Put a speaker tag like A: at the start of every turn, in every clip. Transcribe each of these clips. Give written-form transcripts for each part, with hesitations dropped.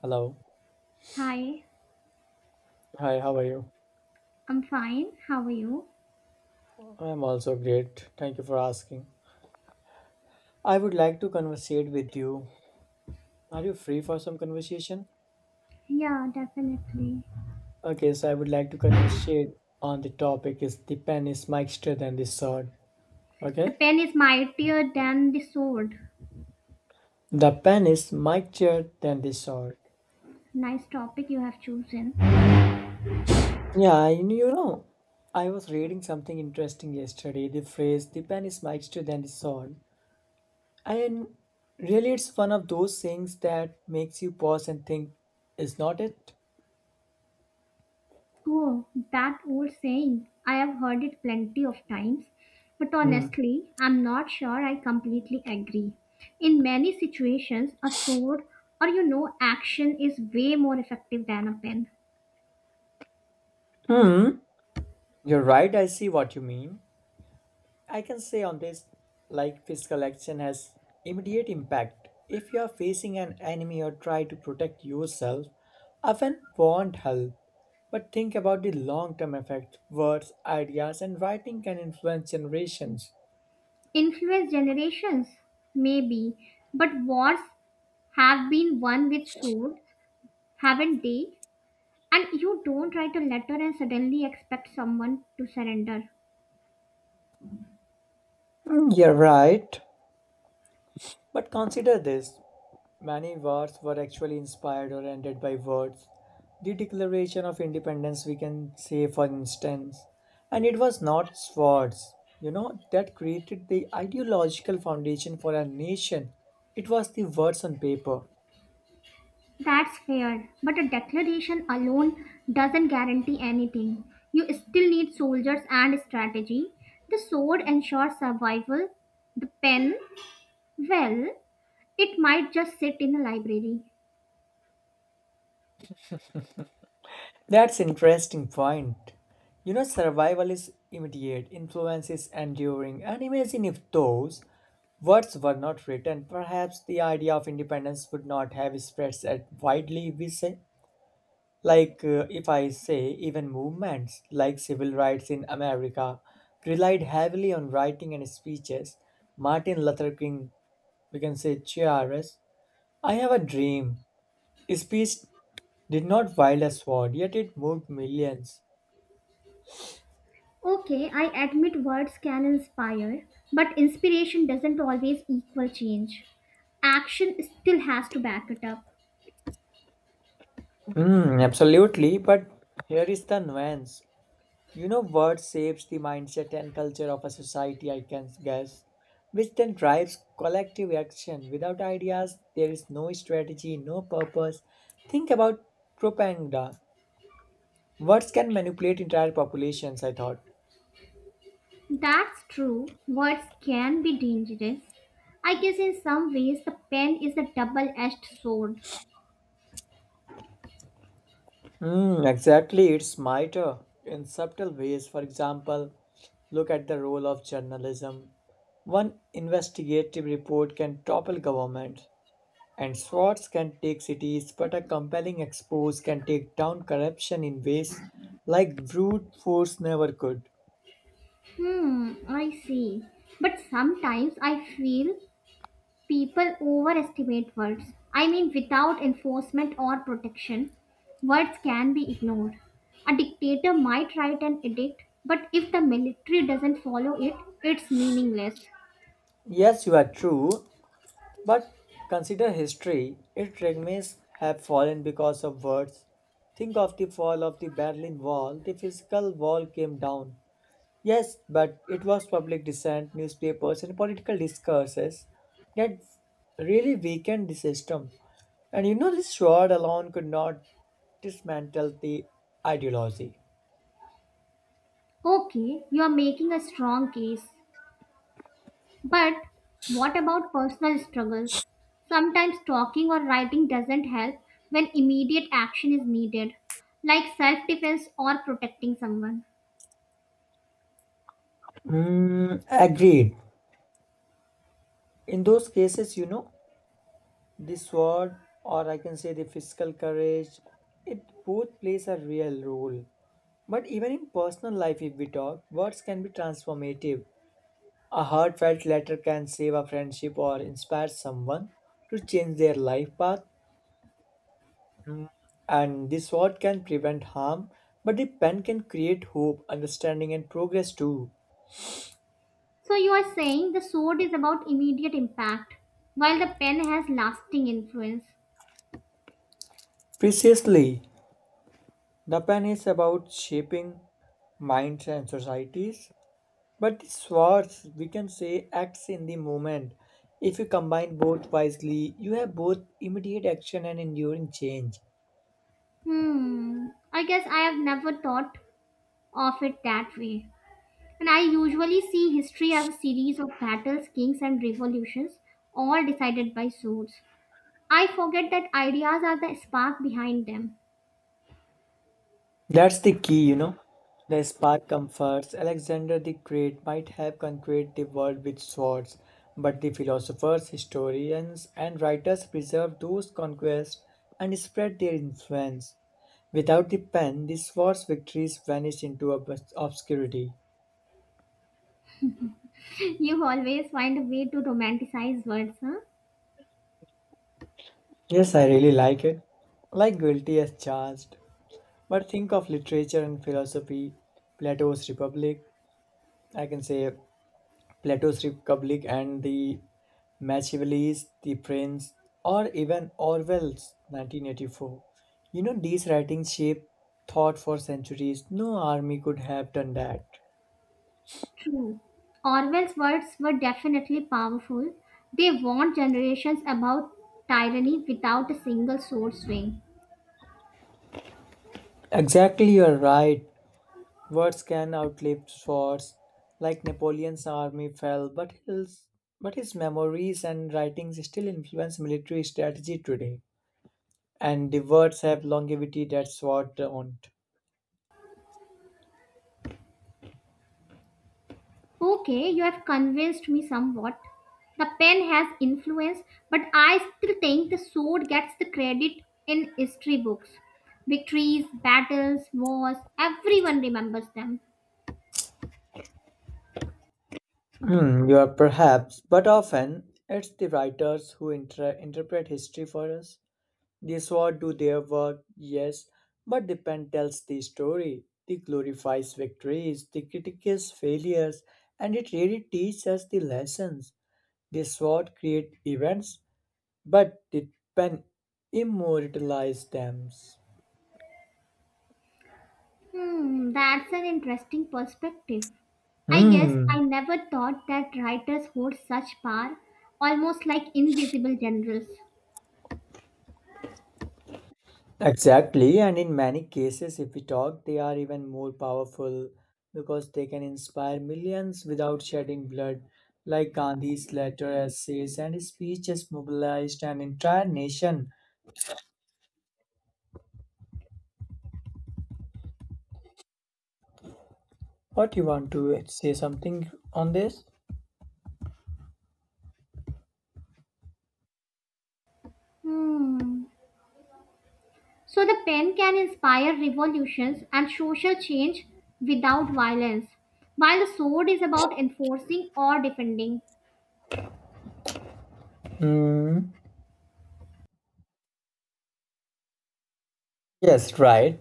A: Hello.
B: Hi,
A: Hi, how are you?
B: I'm fine. How are you?
A: I'm also great. Thank you for asking. I would like to conversate with you. Are you free for some conversation?
B: Yeah, definitely.
A: Okay, so I would like to conversate on the topic is the pen is mightier than the sword.
B: The
A: Okay?
B: pen is mightier than the sword.
A: The pen is mightier than the sword.
B: Nice topic you have chosen.
A: Yeah, I was reading something interesting yesterday. The phrase the pen is mightier than the sword. And really it's one of those things that makes you pause and think, is not it?
B: Oh, that old saying. I have heard it plenty of times, but
A: Hmm.
B: honestly, I'm not sure I completely agree. In many situations, a sword or, you know, action is way more effective than a pen.
A: Hmm. You're right, I see what you mean. I can say on this, like physical action has immediate impact. If you are facing an enemy or try to protect yourself, often won't help. But think about the long term effect. Words, ideas, and writing can influence generations.
B: Influence generations, maybe, but wars have been won with sword, haven't they? And you don't write a letter and suddenly expect someone to surrender.
A: Mm, you're right. But consider this. Many wars were actually inspired or ended by words. The Declaration of Independence, we can say, for instance, and it was not swords, that created the ideological foundation for a nation. It was the words on paper.
B: That's fair, but a declaration alone doesn't guarantee anything. You still need soldiers and strategy. The sword ensures survival. The pen, well, it might just sit in a library.
A: That's interesting point. You know, survival is immediate, influence is enduring, and imagine if those words were not written, perhaps the idea of independence would not have spread as widely. We say, like, if I say, even movements like civil rights in America relied heavily on writing and speeches. Martin Luther King, we can say Chiaras, I Have a Dream. His speech did not wield a sword, yet it moved millions.
B: Okay, I admit words can inspire, but inspiration doesn't always equal change. Action still has to back it up.
A: Mm, absolutely, but here is the nuance. You know what shapes the mindset and culture of a society, I can guess, which then drives collective action. Without ideas, there is no strategy, no purpose. Think about propaganda. Words can manipulate entire populations, I thought.
B: That's true. Words can be dangerous. I guess in some ways the pen is a double edged sword.
A: Mm, exactly, it's mitre in subtle ways. For example, look at the role of journalism. One investigative report can topple government. And swords can take cities, but a compelling expose can take down corruption in ways like brute force never could.
B: Hmm, I see. But sometimes I feel people overestimate words. I mean, without enforcement or protection, words can be ignored. A dictator might write an edict, but if the military doesn't follow it, it's meaningless.
A: Yes, you are true, but consider history. Its remains have fallen because of words. Think of the fall of the Berlin Wall. The physical wall came down. Yes, but it was public dissent, newspapers, and political discourses that really weakened the system. And this sword alone could not dismantle the ideology.
B: Okay, you are making a strong case. But what about personal struggles? Sometimes talking or writing doesn't help when immediate action is needed, like self defense or protecting someone.
A: Mm, agreed. In those cases, the sword, or I can say the physical courage, it both plays a real role. But even in personal life, if we talk, words can be transformative. A heartfelt letter can save a friendship or inspire someone to change their life path. And the sword can prevent harm, but the pen can create hope, understanding, and progress too.
B: So you are saying the sword is about immediate impact, while the pen has lasting influence.
A: Precisely, Japan is about shaping minds and societies, but swords we can say, acts in the moment. If you combine both wisely, you have both immediate action and enduring change.
B: Hmm, I guess I have never thought of it that way. And I usually see history as a series of battles, kings, and revolutions, all decided by swords. I forget that ideas are the spark behind them.
A: That's the key, you know. The spark comforts. Alexander the Great might have conquered the world with swords, but the philosophers, historians, and writers preserved those conquests and spread their influence. Without the pen, the sword's victories vanished into obscurity.
B: You always find a way to romanticize words, huh?
A: Yes, I really like it. Like guilty as charged. But think of literature and philosophy, Plato's Republic, I can say Plato's Republic and the Machiavelli's The Prince, or even Orwell's 1984. You know, these writings shaped thought for centuries. No army could have done that.
B: True. Orwell's words were definitely powerful. They warned generations about tyranny without a single sword swing.
A: Exactly, you're right. Words can outlive swords. Like Napoleon's army fell, but his memories and writings still influence military strategy today. And the words have longevity that sword don't.
B: Okay, you have convinced me somewhat. The pen has influence, but I still think the sword gets the credit in history books. Victories, battles, wars, everyone remembers them.
A: Hmm, you are perhaps, but often it's the writers who interpret history for us. The sword do their work, yes, but the pen tells the story. It glorifies victories, the critiques failures, and it really teaches us the lessons. The sword create events, but the pen immortalizes them.
B: Hmm, that's an interesting perspective. I guess
A: Hmm.
B: I never thought that writers hold such power, almost like invisible generals.
A: Exactly, and in many cases, if we talk, they are even more powerful because they can inspire millions without shedding blood, like Gandhi's letter, essays, and his speeches mobilized an entire nation. What you want to say something on this?
B: Hmm. So the pen can inspire revolutions and social change without violence, while the sword is about enforcing or defending.
A: Hmm. Yes, right.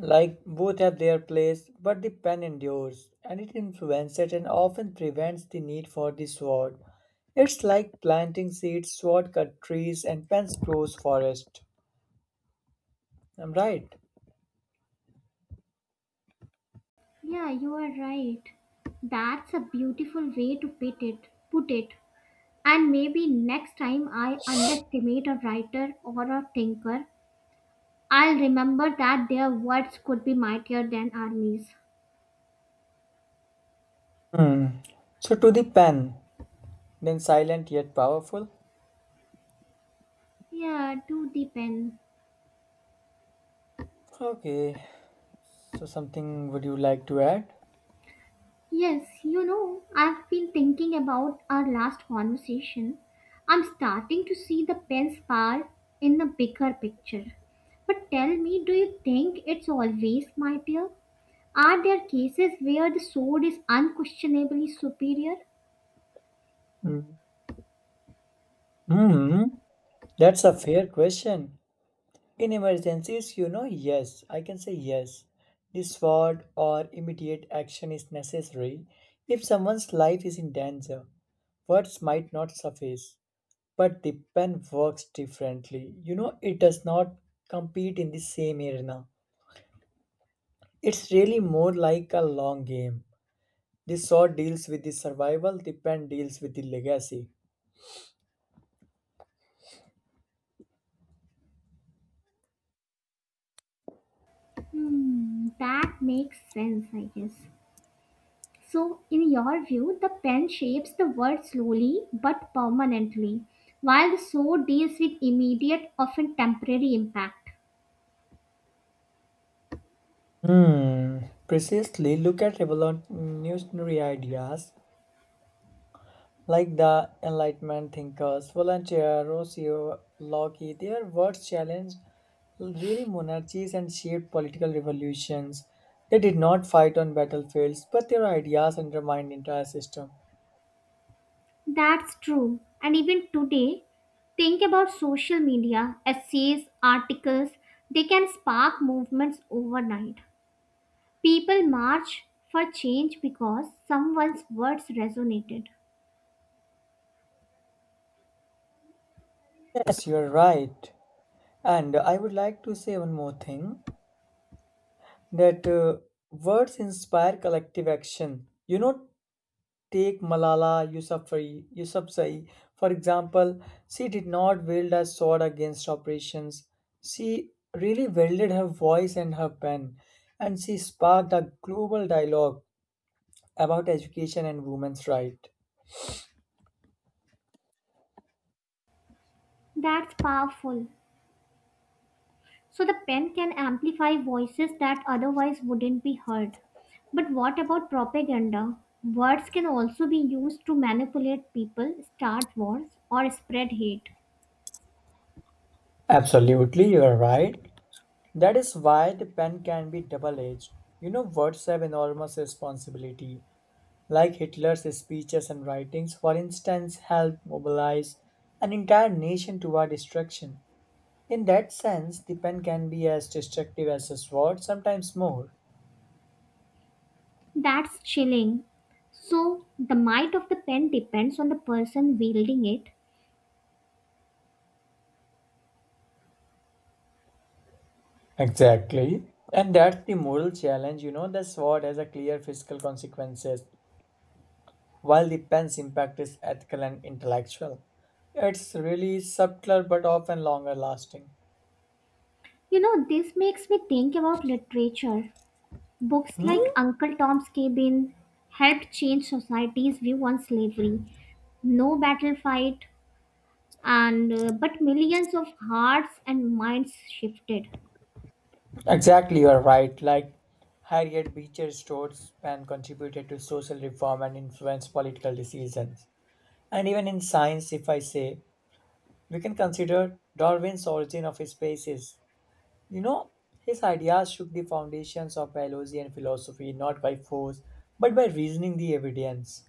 A: Like both have their place, but the pen endures, and it influences and often prevents the need for the sword. It's like planting seeds, sword cut trees, and pens grows forest. I'm right.
B: Yeah, you are right. That's a beautiful way to put it. Put it. And maybe next time I underestimate a writer or a thinker, I'll remember that their words could be mightier than armies.
A: Hmm. So to the pen, then silent yet powerful.
B: Yeah, do the pen.
A: Okay. So something would you like to add?
B: Yes, you know, I've been thinking about our last conversation. I'm starting to see the pen's power in the bigger picture. But tell me, do you think it's always mightier? Are there cases where the sword is unquestionably superior?
A: Hmm. Hmm. That's a fair question. In emergencies, yes, I can say yes. This word or immediate action is necessary if someone's life is in danger. Words might not suffice, but the pen works differently. You know, it does not compete in the same arena. It's really more like a long game. The sword deals with the survival, the pen deals with the legacy.
B: Hmm, that makes sense, I guess. So, in your view, the pen shapes the world slowly but permanently, while the sword deals with immediate, often temporary impact.
A: Hmm, precisely. Look at revolutionary ideas like the Enlightenment thinkers, Voltaire, Rousseau, Locke, their words challenged really monarchies and shaped political revolutions. They did not fight on battlefields, but their ideas undermined entire system.
B: That's true. And even today, think about social media, essays, articles, they can spark movements overnight. People march for change because someone's words resonated.
A: Yes, you're right. And I would like to say one more thing that words inspire collective action. You know, take Malala Yousafzai, for example. She did not wield a sword against oppressions. She really wielded her voice and her pen, and she sparked a global dialogue about education and women's rights.
B: That's powerful. So the pen can amplify voices that otherwise wouldn't be heard. But what about propaganda? Words can also be used to manipulate people, start wars, or spread hate.
A: Absolutely, you are right. That is why the pen can be double edged. You know, words have enormous responsibility. Like Hitler's speeches and writings, for instance, helped mobilize an entire nation toward destruction. In that sense, the pen can be as destructive as a sword, sometimes more.
B: That's chilling. So the might of the pen depends on the person wielding it.
A: Exactly. And that's the moral challenge, the sword has a clear fiscal consequences, while the pen's impact is ethical and intellectual. It's really subtler but often longer lasting.
B: You know, this makes me think about literature. Books
A: Hmm?
B: like Uncle Tom's Cabin helped change society's view on slavery. No Battle Fight and but millions of hearts and minds shifted.
A: Exactly, you're right. Like Harriet Beecher Stowe's pen contributed to social reform and influenced political decisions. And even in science, if I say, we can consider Darwin's Origin of Species. You know, his ideas shook the foundations of Bayesian philosophy not by force, but by reasoning the evidence.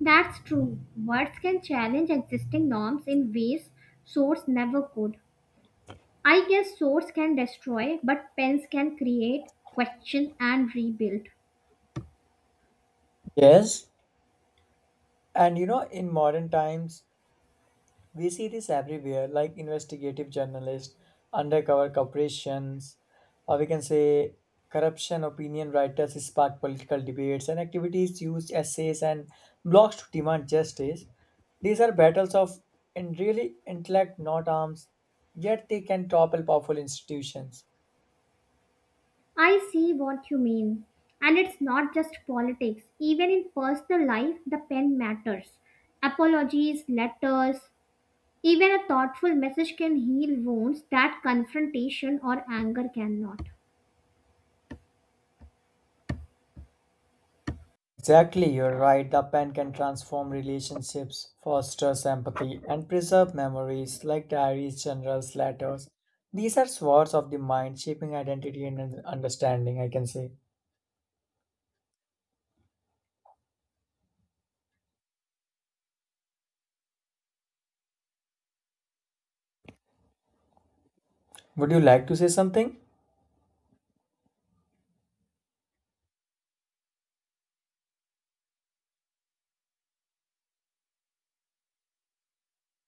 B: That's true, words can challenge existing norms in ways swords never could. I guess swords can destroy, but pens can create, question and rebuild.
A: Yes, and you know, in modern times, we see this everywhere, like investigative journalists, undercover corporations, or we can say corruption opinion writers spark political debates and activities use essays and blogs to demand justice. These are battles of in really intellect, not arms, yet they can topple powerful institutions.
B: I see what you mean, and it's not just politics. Even in personal life the pen matters. Apologies letters, even a thoughtful message can heal wounds that confrontation or anger cannot.
A: Exactly, you're right. The pen can transform relationships, fosters empathy, and preserve memories like diaries, journals, letters. These are swords of the mind, shaping identity and understanding, I can say. Would you like to say something?